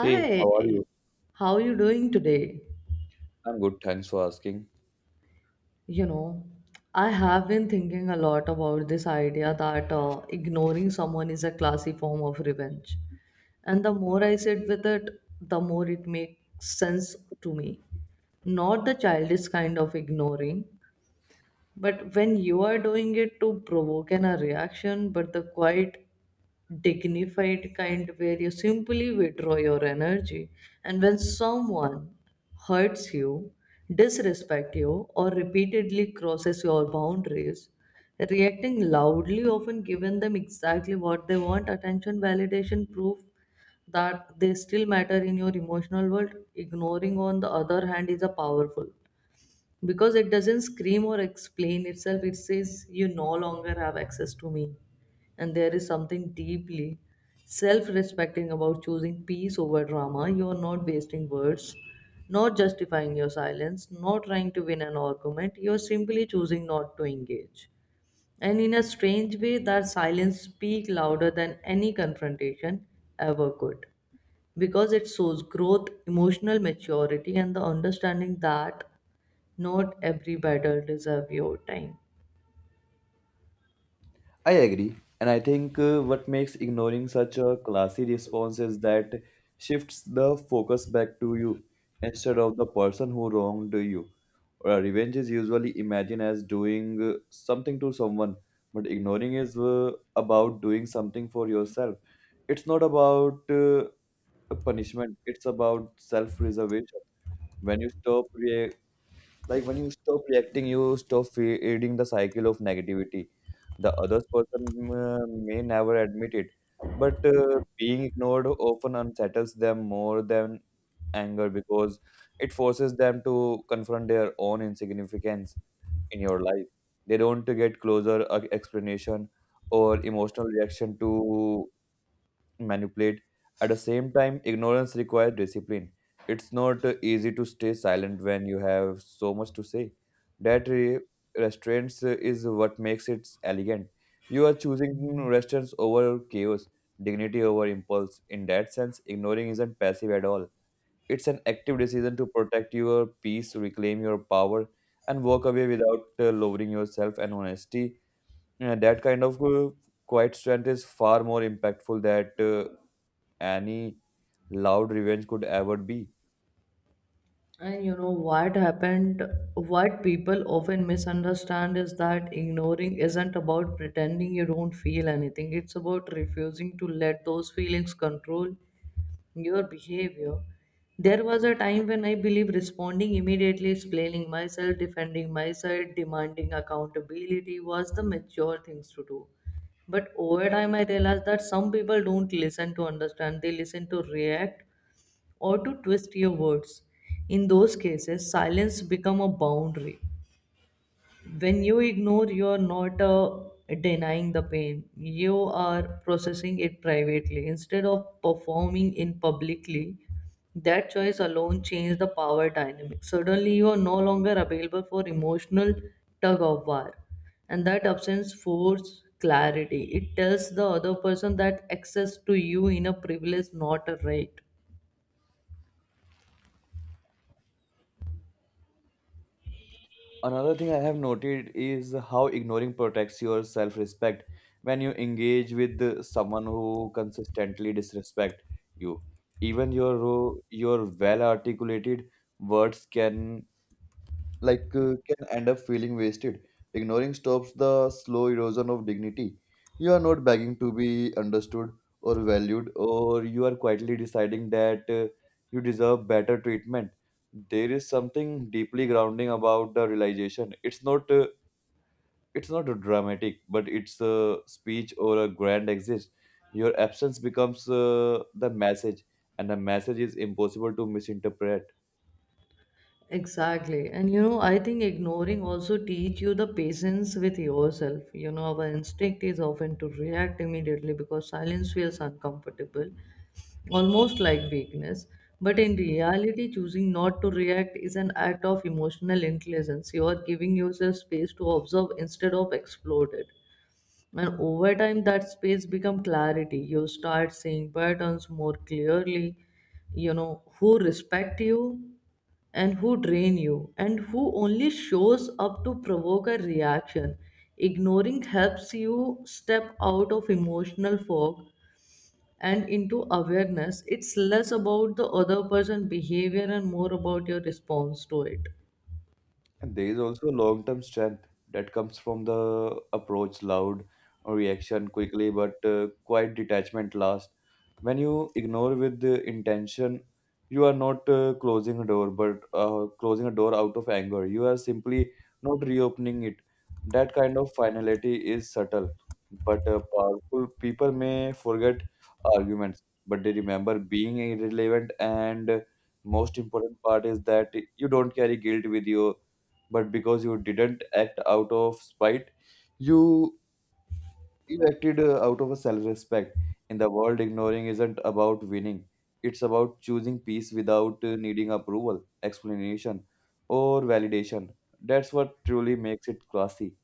Hey, how are you? how are you doing today? I'm good, thanks for asking. You know, I have been thinking a lot about this idea that ignoring someone is a classy form of revenge. And the more I sit with it, the more it makes sense to me. Not the childish kind of ignoring, but when you are doing it to provoke a reaction, but the quiet, dignified kind where you simply withdraw your energy, and when someone hurts you, disrespect you, or repeatedly crosses your boundaries, reacting loudly often given them exactly what they want, attention, validation, proof that they still matter in your emotional world. Ignoring, on the other hand, is a powerful because it doesn't scream or explain itself. It says you no longer have access to me, and there is something deeply self-respecting about choosing peace over drama. You are not wasting words, not justifying your silence, not trying to win an argument. You are simply choosing not to engage, and in a strange way that silence speaks louder than any confrontation ever could, because it shows growth, emotional maturity, and the understanding that not every battle deserves your time. I agree, and I think what makes ignoring such a classy response is that shifts the focus back to you instead of the person who wronged you. Revenge is usually imagined as doing something to someone, but ignoring is about doing something for yourself. It's not about punishment, it's about self preservation. When you stop re- Like when you stop reacting, you stop feeding the cycle of negativity. The other person may never admit it, but being ignored often unsettles them more than anger because it forces them to confront their own insignificance in your life. They don't get closer explanation or emotional reaction to manipulate. At the same time, ignorance requires discipline. It's not easy to stay silent when you have so much to say. That re- Restraints is what makes it elegant. You are choosing restraints over chaos, dignity over impulse. In that sense, ignoring isn't passive at all. It's an active decision to protect your peace, reclaim your power, and walk away without lowering yourself and honesty. That kind of quiet strength is far more impactful that. Any loud revenge could ever be. And you know what happened, what people often misunderstand is that ignoring isn't about pretending you don't feel anything. It's about refusing to let those feelings control your behavior. There was a time when I believe responding immediately, explaining myself, defending myself, demanding accountability was the mature things to do. But over time, I realized that some people don't listen to understand, they listen to react, or to twist your words. In those cases, silence become a boundary. When you ignore, you are not denying the pain. You are processing it privately instead of performing in publicly. That choice alone changed the power dynamic. Suddenly, you are no longer available for emotional tug of war, and that absence forces clarity. It tells the other person that access to you in a privilege, not a right. Another thing I have noted is how ignoring protects your self respect. When you engage with someone who consistently disrespect you, even your your well articulated words can can end up feeling wasted. Ignoring stops the slow erosion of dignity. You are not begging to be understood or valued, or you are quietly deciding that you deserve better treatment. There is something deeply grounding about the realization. It's not dramatic, but it's a speech or a grand exit. Your absence becomes the message, and the message is impossible to misinterpret. Exactly. And you know, I think ignoring also teach you the patience with yourself. You know, our instinct is often to react immediately because silence feels uncomfortable, almost like weakness. But in reality, choosing not to react is an act of emotional intelligence. You are giving yourself space to observe instead of explode it. And over time, that space become clarity. You start seeing patterns more clearly. You know who respect you, and who drain you, and who only shows up to provoke a reaction. Ignoring helps you step out of emotional fog and into awareness. It's less about the other person behavior and more about your response to it. And there is also long term strength that comes from the approach loud reaction quickly, but quiet detachment last. When you ignore with the intention, you are not closing a door, but closing a door out of anger. You are simply not reopening it. That kind of finality is subtle, but powerful. People may forget arguments, but they remember being irrelevant. And most important part is that you don't carry guilt with you but because you didn't act out of spite you you acted out of a self-respect in the world ignoring isn't about winning. It's about choosing peace without needing approval explanation or validation. That's what truly makes it classy.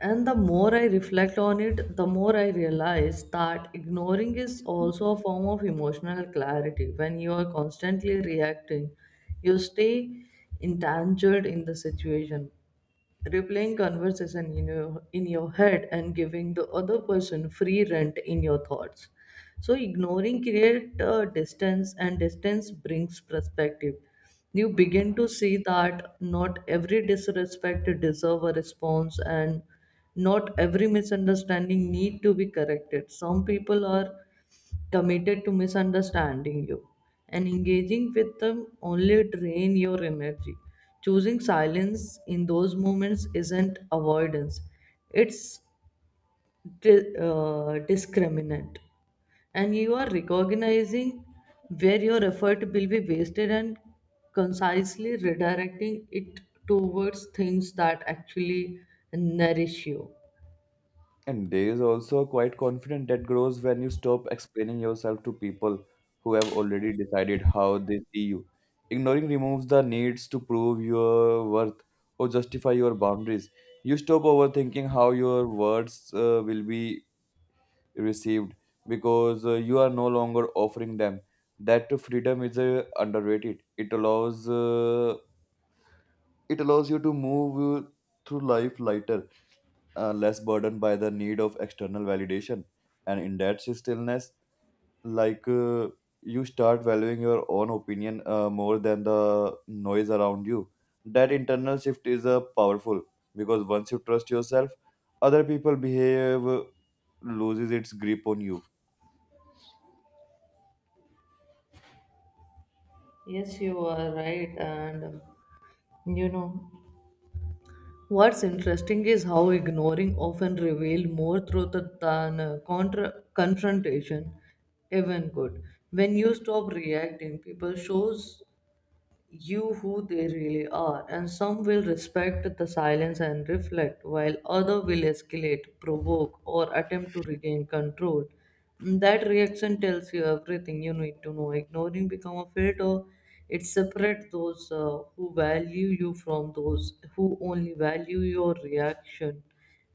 And the more I reflect on it, the more I realize that ignoring is also a form of emotional clarity. When you are constantly reacting, you stay entangled in the situation, replaying conversation in your head, and giving the other person free rent in your thoughts. So ignoring create distance, and distance brings perspective. You begin to see that not every disrespect deserve a response, and not every misunderstanding need to be corrected. Some people are committed to misunderstanding you, and engaging with them only drain your energy. Choosing silence in those moments isn't avoidance, it's discriminant. And you are recognizing where your effort will be wasted, and concisely redirecting it towards things that actually nourish you. And there is also quite confident that grows when you stop explaining yourself to people who have already decided how they see you. Ignoring removes the needs to prove your worth or justify your boundaries. You stop overthinking how your words will be received because you are no longer offering them. That freedom is underrated. It allows you to move through life lighter, less burdened by the need of external validation, and in that stillness like uh, you start valuing your own opinion more than the noise around you. That internal shift is powerful, because once you trust yourself other people behave loses its grip on you. Yes, you are right, and you know. What's interesting is how ignoring often reveal more truth than confrontation even could. When you stop reacting, people shows you who they really are, and some will respect the silence and reflect, while other will escalate, provoke, or attempt to regain control. That reaction tells you everything you need to know. Ignoring become a filter. It separates those who value you from those who only value your reaction.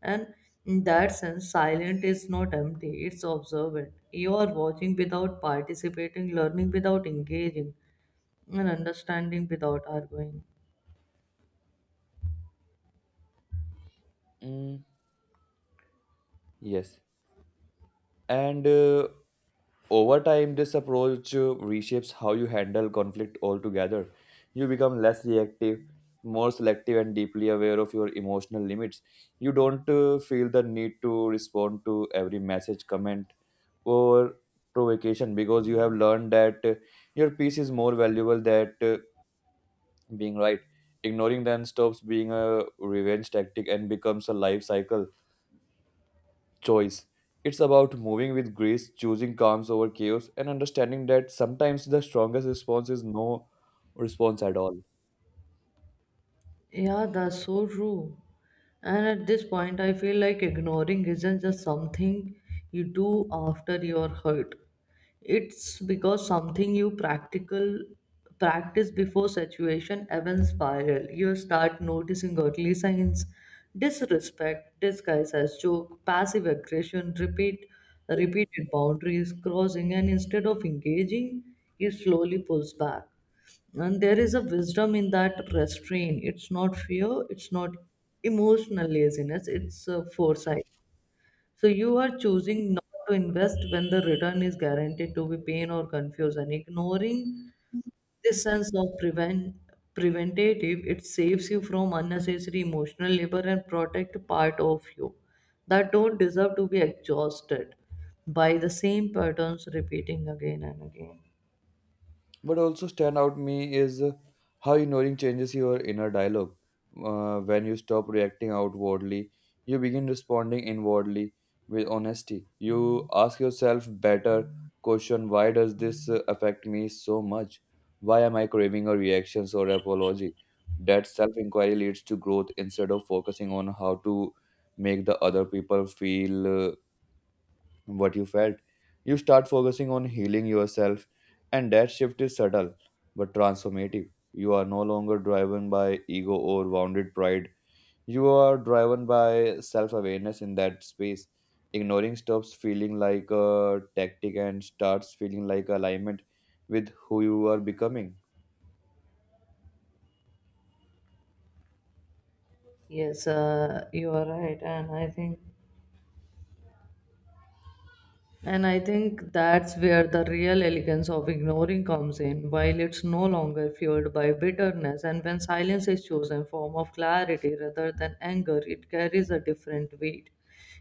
And in that sense, silent is not empty, it's observant. You are watching without participating, learning without engaging, and understanding without arguing. Mm, yes, and over time, this approach reshapes how you handle conflict altogether. You become less reactive, more selective, and deeply aware of your emotional limits. You don't feel the need to respond to every message, comment, or provocation because you have learned that your peace is more valuable than being right. Ignoring them stops being a revenge tactic and becomes a life cycle choice. It's about moving with grace, choosing calm over chaos, and understanding that sometimes the strongest response is no response at all. Yeah, that's so true. And at this point, I feel like ignoring isn't just something you do after you're hurt. It's because something you practical practice before situation even spiral. You start noticing early signs, disrespect, disguised as joke, passive aggression, repeated boundaries, crossing, and instead of engaging, he slowly pulls back. And there is a wisdom in that restraint. It's not fear, it's not emotional laziness, it's foresight. So you are choosing not to invest when the return is guaranteed to be pain or confusion. Ignoring this sense of preventative, it saves you from unnecessary emotional labor, and protect part of you that don't deserve to be exhausted by the same patterns repeating again and again. But also stand out me is how ignoring changes your inner dialogue. When you stop reacting outwardly, you begin responding inwardly with honesty. You ask yourself better question: why does this affect me so much? Why am I craving a reactions or apology? That self-inquiry leads to growth instead of focusing on how to make the other people feel what you felt. You start focusing on healing yourself, and that shift is subtle but transformative. You are no longer driven by ego or wounded pride. You are driven by self awareness in that space. Ignoring stops feeling like a tactic and starts feeling like alignment with who you are becoming. Yes, you are right, and I think that's where the real elegance of ignoring comes in, while it's no longer fueled by bitterness. And when silence is chosen form of clarity rather than anger, it carries a different weight.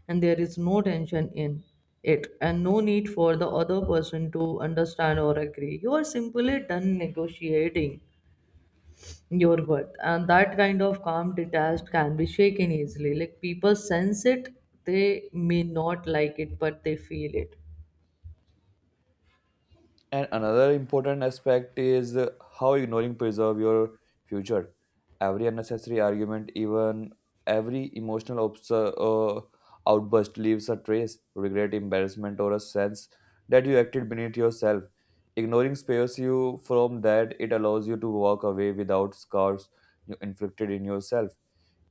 And there is no tension in it, and no need for the other person to understand or agree. You are simply done negotiating your worth. And that kind of calm detached can be shaken easily. Like people sense it, they may not like it, but they feel it. And another important aspect is how ignoring preserve your future. Every unnecessary argument, even every emotional outburst, leaves a trace, regret, embarrassment, or a sense that you acted beneath yourself. Ignoring spares you from that. It allows you to walk away without scars you inflicted in yourself.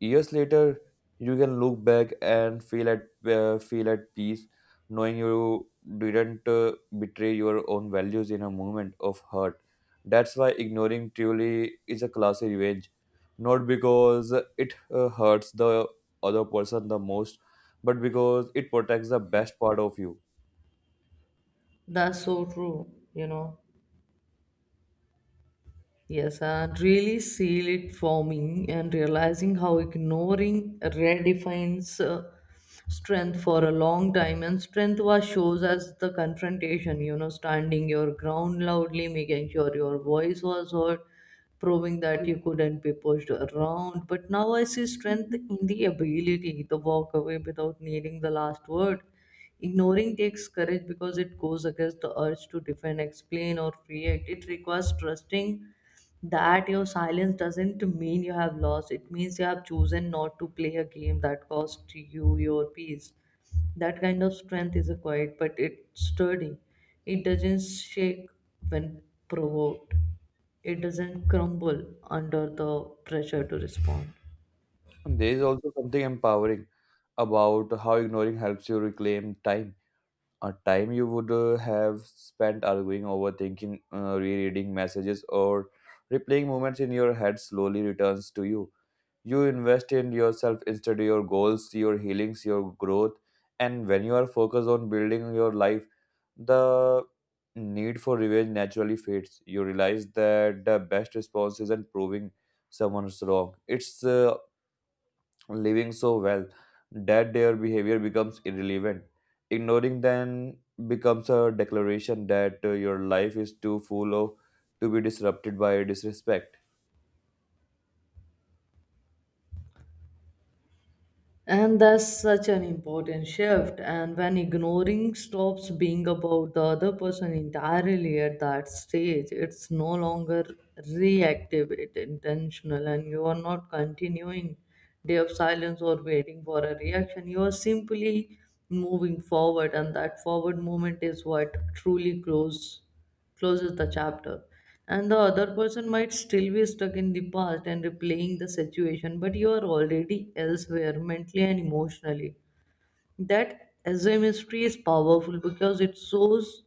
Years later, you can look back and feel at peace knowing you didn't betray your own values in a moment of hurt. That's why ignoring truly is a classy revenge, not because it hurts the other person the most, but because it protects the best part of you. That's so true, you know. Yes, and really seal it for me and realizing how ignoring redefines strength for a long time. And strength was shows as the confrontation, you know, standing your ground loudly, making sure your voice was heard, proving that you couldn't be pushed around. But now I see strength in the ability to walk away without needing the last word. Ignoring takes courage because it goes against the urge to defend, explain, or react. It requires trusting that your silence doesn't mean you have lost. It means you have chosen not to play a game that cost you your peace. That kind of strength is a quiet, but it's sturdy. It doesn't shake when provoked. It doesn't crumble under the pressure to respond. And there is also something empowering about how ignoring helps you reclaim time. A time you would have spent arguing, overthinking, rereading messages, or replaying moments in your head slowly returns to you. You invest in yourself instead of your goals, your healings, your growth. And when you are focused on building your life, the need for revenge naturally fades. You realize that the best response isn't proving someone's wrong, it's living so well that their behavior becomes irrelevant. Ignoring them becomes a declaration that your life is too full of to be disrupted by disrespect. And that's such an important shift. And when ignoring stops being about the other person entirely at that stage, it's no longer reactive, it's intentional, and you are not continuing day of silence or waiting for a reaction. You are simply moving forward, and that forward movement is what truly grows, closes the chapter, and the other person might still be stuck in the past and replaying the situation, but you are already elsewhere mentally and emotionally. That as a mystery is powerful because it shows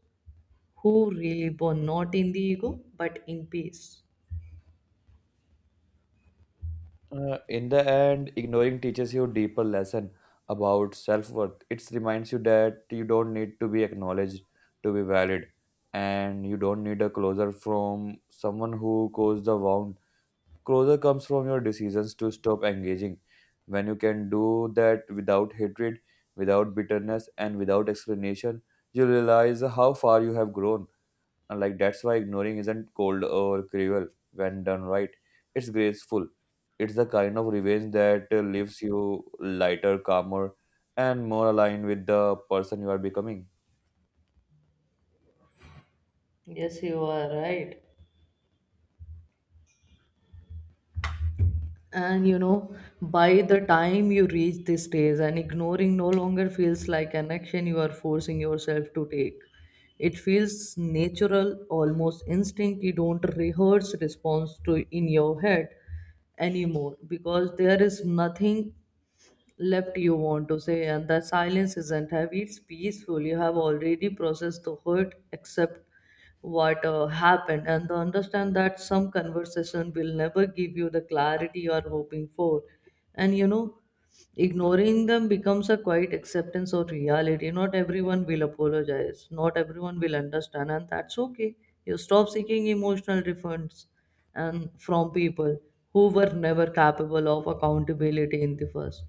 who really born, not in the ego but in peace. In the end, ignoring teaches you deeper lesson about self worth. It reminds you that you don't need to be acknowledged to be valid, and you don't need a closure from someone who caused the wound. Closure comes from your decisions to stop engaging. When you can do that without hatred, without bitterness, and without explanation, you realize how far you have grown. And like that's why ignoring isn't cold or cruel when done right. It's graceful. It's the kind of revenge that leaves you lighter, calmer, and more aligned with the person you are becoming. Yes, you are right. And you know, by the time you reach this stage, and ignoring no longer feels like an action you are forcing yourself to take. It feels natural, almost instinct. You don't rehearse response to in your head anymore because there is nothing left you want to say, and the silence isn't heavy, it's peaceful. You have already processed the hurt, accept what happened, and to understand that some conversation will never give you the clarity you are hoping for. And you know, ignoring them becomes a quiet acceptance of reality. Not everyone will apologize, not everyone will understand, and that's okay. You stop seeking emotional refunds, and from people who were never capable of accountability in the first.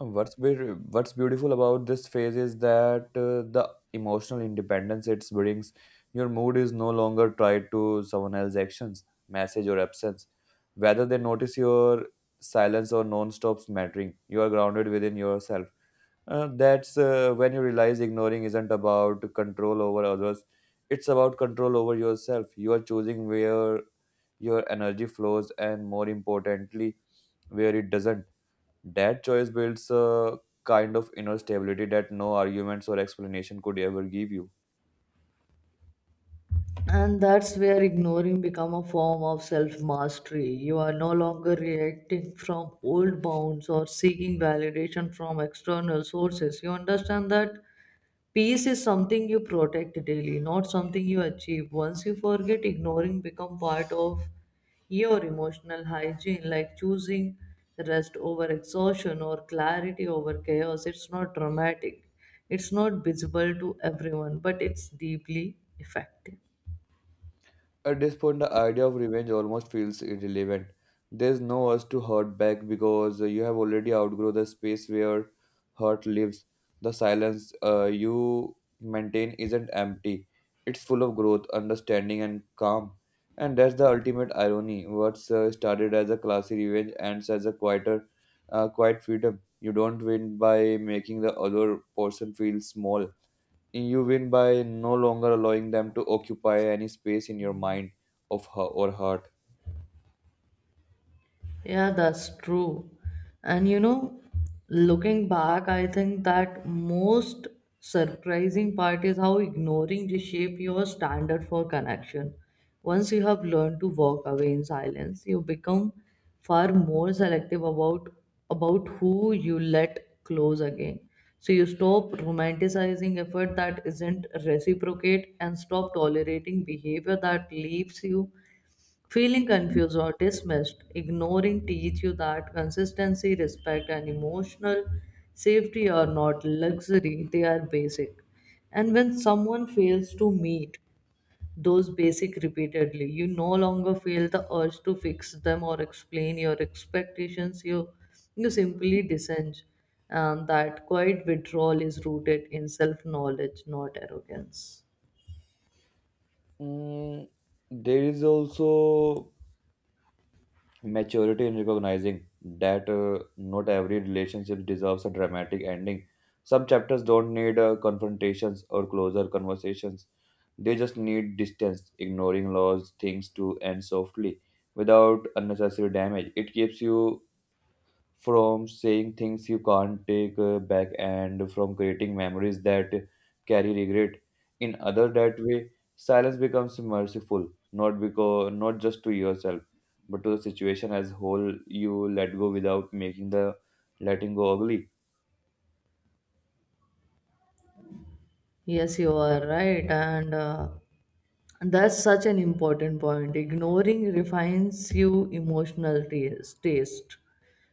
And what's beautiful about this phase is that the emotional independence it brings. Your mood is no longer tied to someone else's actions, message, or absence. Whether they notice your silence or non-stops mattering, you are grounded within yourself. That's when you realize ignoring isn't about control over others, it's about control over yourself. You are choosing where your energy flows and, more importantly, where it doesn't. That choice builds a kind of inner stability that no arguments or explanation could ever give you. And that's where ignoring become a form of self-mastery. You are no longer reacting from old bounds or seeking validation from external sources. You understand that peace is something you protect daily, not something you achieve once you forget. Ignoring become part of your emotional hygiene, like choosing rest over exhaustion or clarity over chaos. It's not dramatic, it's not visible to everyone, but it's deeply effective. At this point, the idea of revenge almost feels irrelevant. There's no urge to hurt back because you have already outgrown the space where hurt lives. The silence you maintain isn't empty, it's full of growth, understanding, and calm. And that's the ultimate irony. What's started as a classy revenge ends as a quiet freedom. You don't win by making the other person feel small, you win by no longer allowing them to occupy any space in your mind of her or heart. Yeah, that's true. And you know, looking back, I think that most surprising part is how ignoring reshape your standard for connection. Once you have learned to walk away in silence, you become far more selective about who you let close again. So you stop romanticizing effort that isn't reciprocate, and stop tolerating behavior that leaves you feeling confused or dismissed. Ignoring teach you that consistency, respect, and emotional safety are not luxury, they are basic. And when someone fails to meet those basic repeatedly, you no longer feel the urge to fix them or explain your expectations. You simply dissent, and that quiet withdrawal is rooted in self knowledge, not arrogance. Mm, there is also maturity in recognizing that not every relationship deserves a dramatic ending. Some chapters don't need confrontations or closer conversations. They just need distance, ignoring laws, things to end softly without unnecessary damage. It keeps you from saying things you can't take back and from creating memories that carry regret in other that way. Silence becomes merciful not because not just to yourself but to the situation as whole. You let go without making the letting go ugly. Yes, you are right. And that's such an important point. Ignoring refines you taste.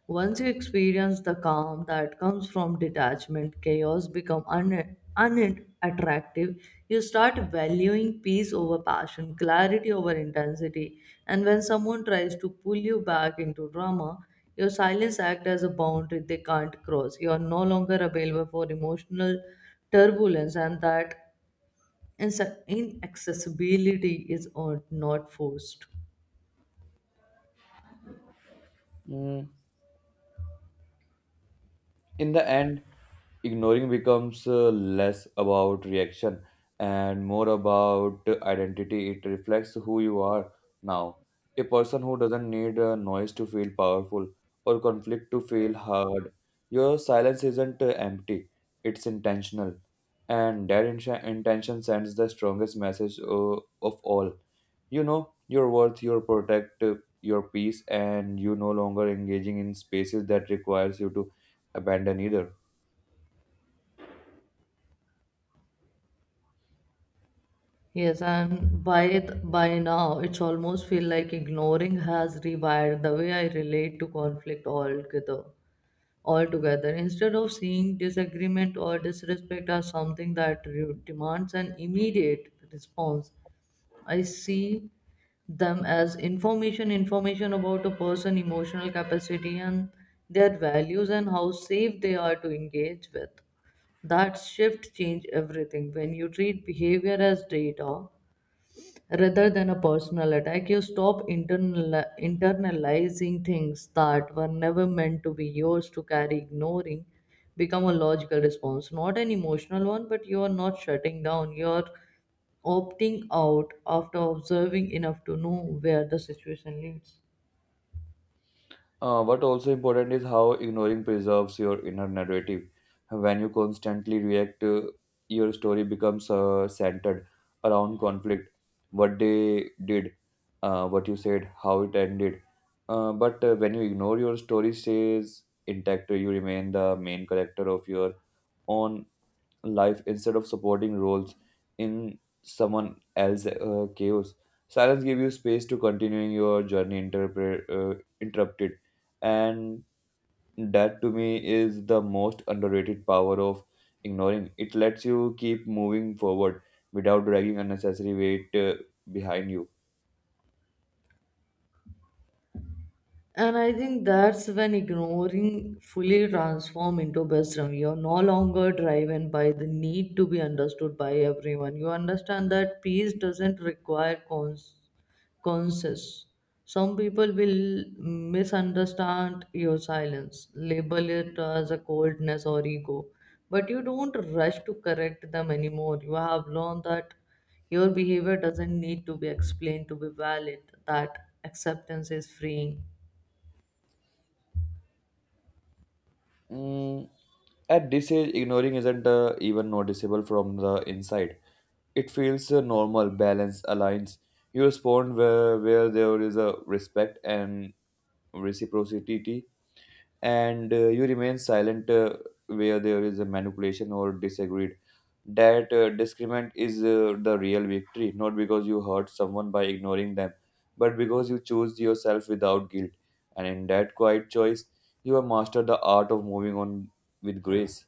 Once you experience the calm that comes from detachment, chaos become unattractive. You start valuing peace over passion, clarity over intensity. And when someone tries to pull you back into drama, your silence acts as a boundary they can't cross. You are no longer available for emotional turbulence, and that inaccessibility is not forced. Mm, in the end ignoring becomes less about reaction and more about identity. It reflects who you are now. A person who doesn't need noise to feel powerful or conflict to feel heard. Your silence isn't empty, it's intentional. And that intention sends the strongest message of all. You know your worth, your protect, your peace, and you no longer engaging in spaces that requires you to abandon either. Yes, and by now, it's almost feel like ignoring has rewired the way I relate to conflict altogether. Altogether, instead of seeing disagreement or disrespect as something that demands an immediate response, I see them as information, information about a person, emotional capacity, and their values and how safe they are to engage with. That shift change everything. When you treat behavior as data, rather than a personal attack, you stop internalizing things that were never meant to be yours to carry. Ignoring become a logical response, not an emotional one, but you are not shutting down, you are opting out after observing enough to know where the situation leads. What also important is how ignoring preserves your inner narrative. When you constantly react, your story becomes centered around conflict, what they did, what you said, how it ended. But when you ignore your story stays intact, you remain the main character of your own life instead of supporting roles in someone else's chaos. Silence gives you space to continuing your journey interrupted, and that to me is the most underrated power of ignoring. It lets you keep moving forward without dragging unnecessary weight behind you. And I think that's when ignoring fully transform into wisdom. You're no longer driven by the need to be understood by everyone. You understand that peace doesn't require conscious. Some people will misunderstand your silence, label it as a coldness or ego, but you don't rush to correct them anymore. You have learned that your behavior doesn't need to be explained to be valid, that acceptance is freeing. Mm, at this age, ignoring isn't even noticeable from the inside. It feels a normal balance aligns. You respond where there is a respect and reciprocity, and you remain silent where there is a manipulation or disagreed. That disagreement is the real victory, not because you hurt someone by ignoring them, but because you choose yourself without guilt. And in that quiet choice, you have mastered the art of moving on with grace.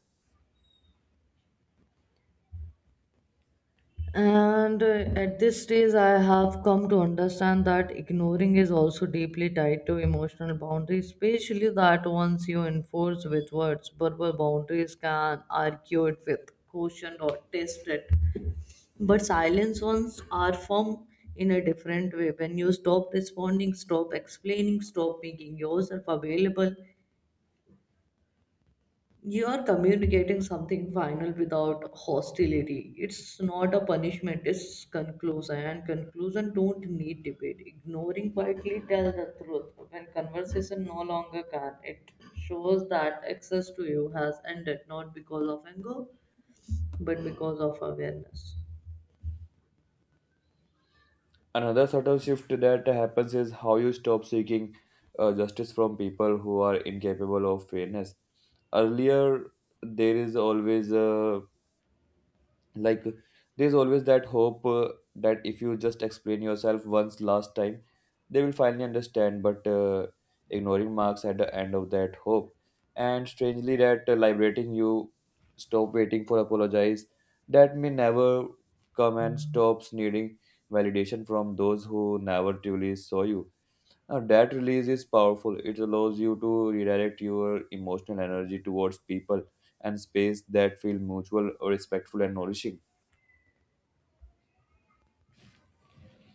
And at this stage, I have come to understand that ignoring is also deeply tied to emotional boundaries, especially that ones you enforce with words. Verbal boundaries can argue it with caution or test it. But silence ones are formed in a different way. When you stop responding, stop explaining, stop making yourself available, you are communicating something final without hostility. It's not a punishment, it's conclusion. And conclusion don't need debate. Ignoring quietly tells the truth. When conversation no longer can, it shows that access to you has ended, not because of anger, but because of awareness. Another subtle shift that happens is how you stop seeking justice from people who are incapable of fairness. Earlier, there is always a like there's always that hope that if you just explain yourself once last time they will finally understand, but ignoring marks at the end of that hope. And strangely that liberating, you stop waiting for apologize that may never come and stops needing validation from those who never truly saw you. Now that release is powerful, it allows you to redirect your emotional energy towards people and space that feel mutual respectful and nourishing.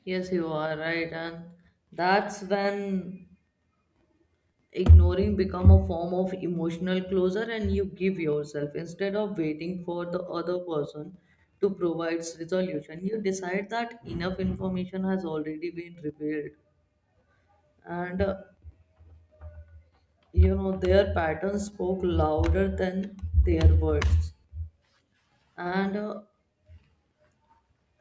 Yes, you are right. And that's when ignoring become a form of emotional closure, and you give yourself instead of waiting for the other person to provide resolution. You decide that enough information has already been revealed, and you know, their patterns spoke louder than their words. And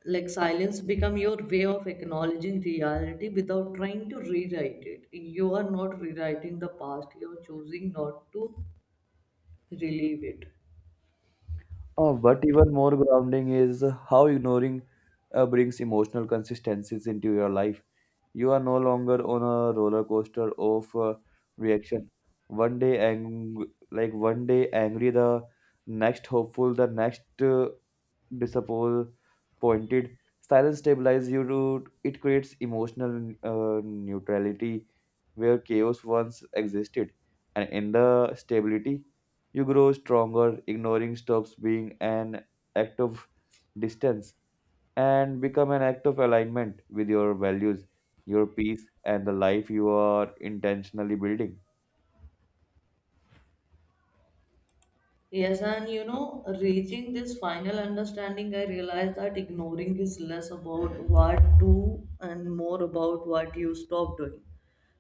like silence become your way of acknowledging reality without trying to rewrite it. You are not rewriting the past, you are choosing not to relieve it. But even more grounding is how ignoring brings emotional consistencies into your life. You are no longer on a roller coaster of reaction. Like one day angry, the next hopeful, the next disappointed. Silence stabilizes you. It creates emotional neutrality where chaos once existed. And in the stability, you grow stronger. Ignoring stops being an act of distance and become an act of alignment with your values, your peace, and the life you are intentionally building. Yes, and you know, reaching this final understanding, I realized that ignoring is less about what to, and more about what you stop doing.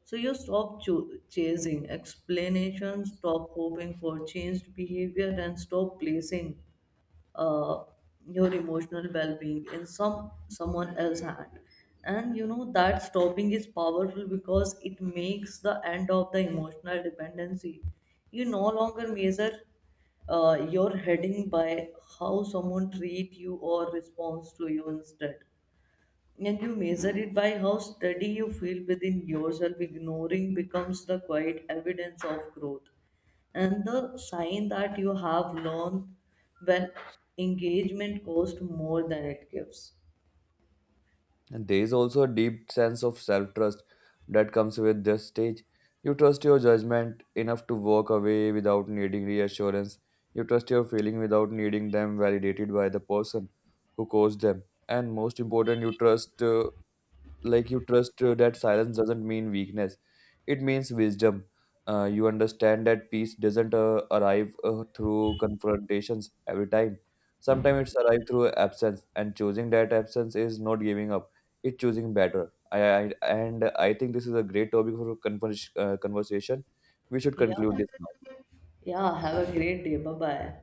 So you stop chasing explanations, stop hoping for changed behavior, and stop placing uh, your emotional well-being in someone else's hand. And you know that stopping is powerful because it makes the end of the emotional dependency. You no longer measure your heading by how someone treat you or responds to you instead, and you measure it by how steady you feel within yourself. Ignoring becomes the quiet evidence of growth, and the sign that you have learned when engagement costs more than it gives. And there is also a deep sense of self trust that comes with this stage. You trust your judgment enough to walk away without needing reassurance. You trust your feeling without needing them validated by the person who caused them. And most important, you trust that silence doesn't mean weakness, it means wisdom. You understand that peace doesn't arrive through confrontations every time, sometimes it's arrived through absence, and choosing that absence is not giving up, it's choosing better. I and I think this is a great topic for conversation. We should Yeah, conclude this now. yeah, have a great day. Bye bye.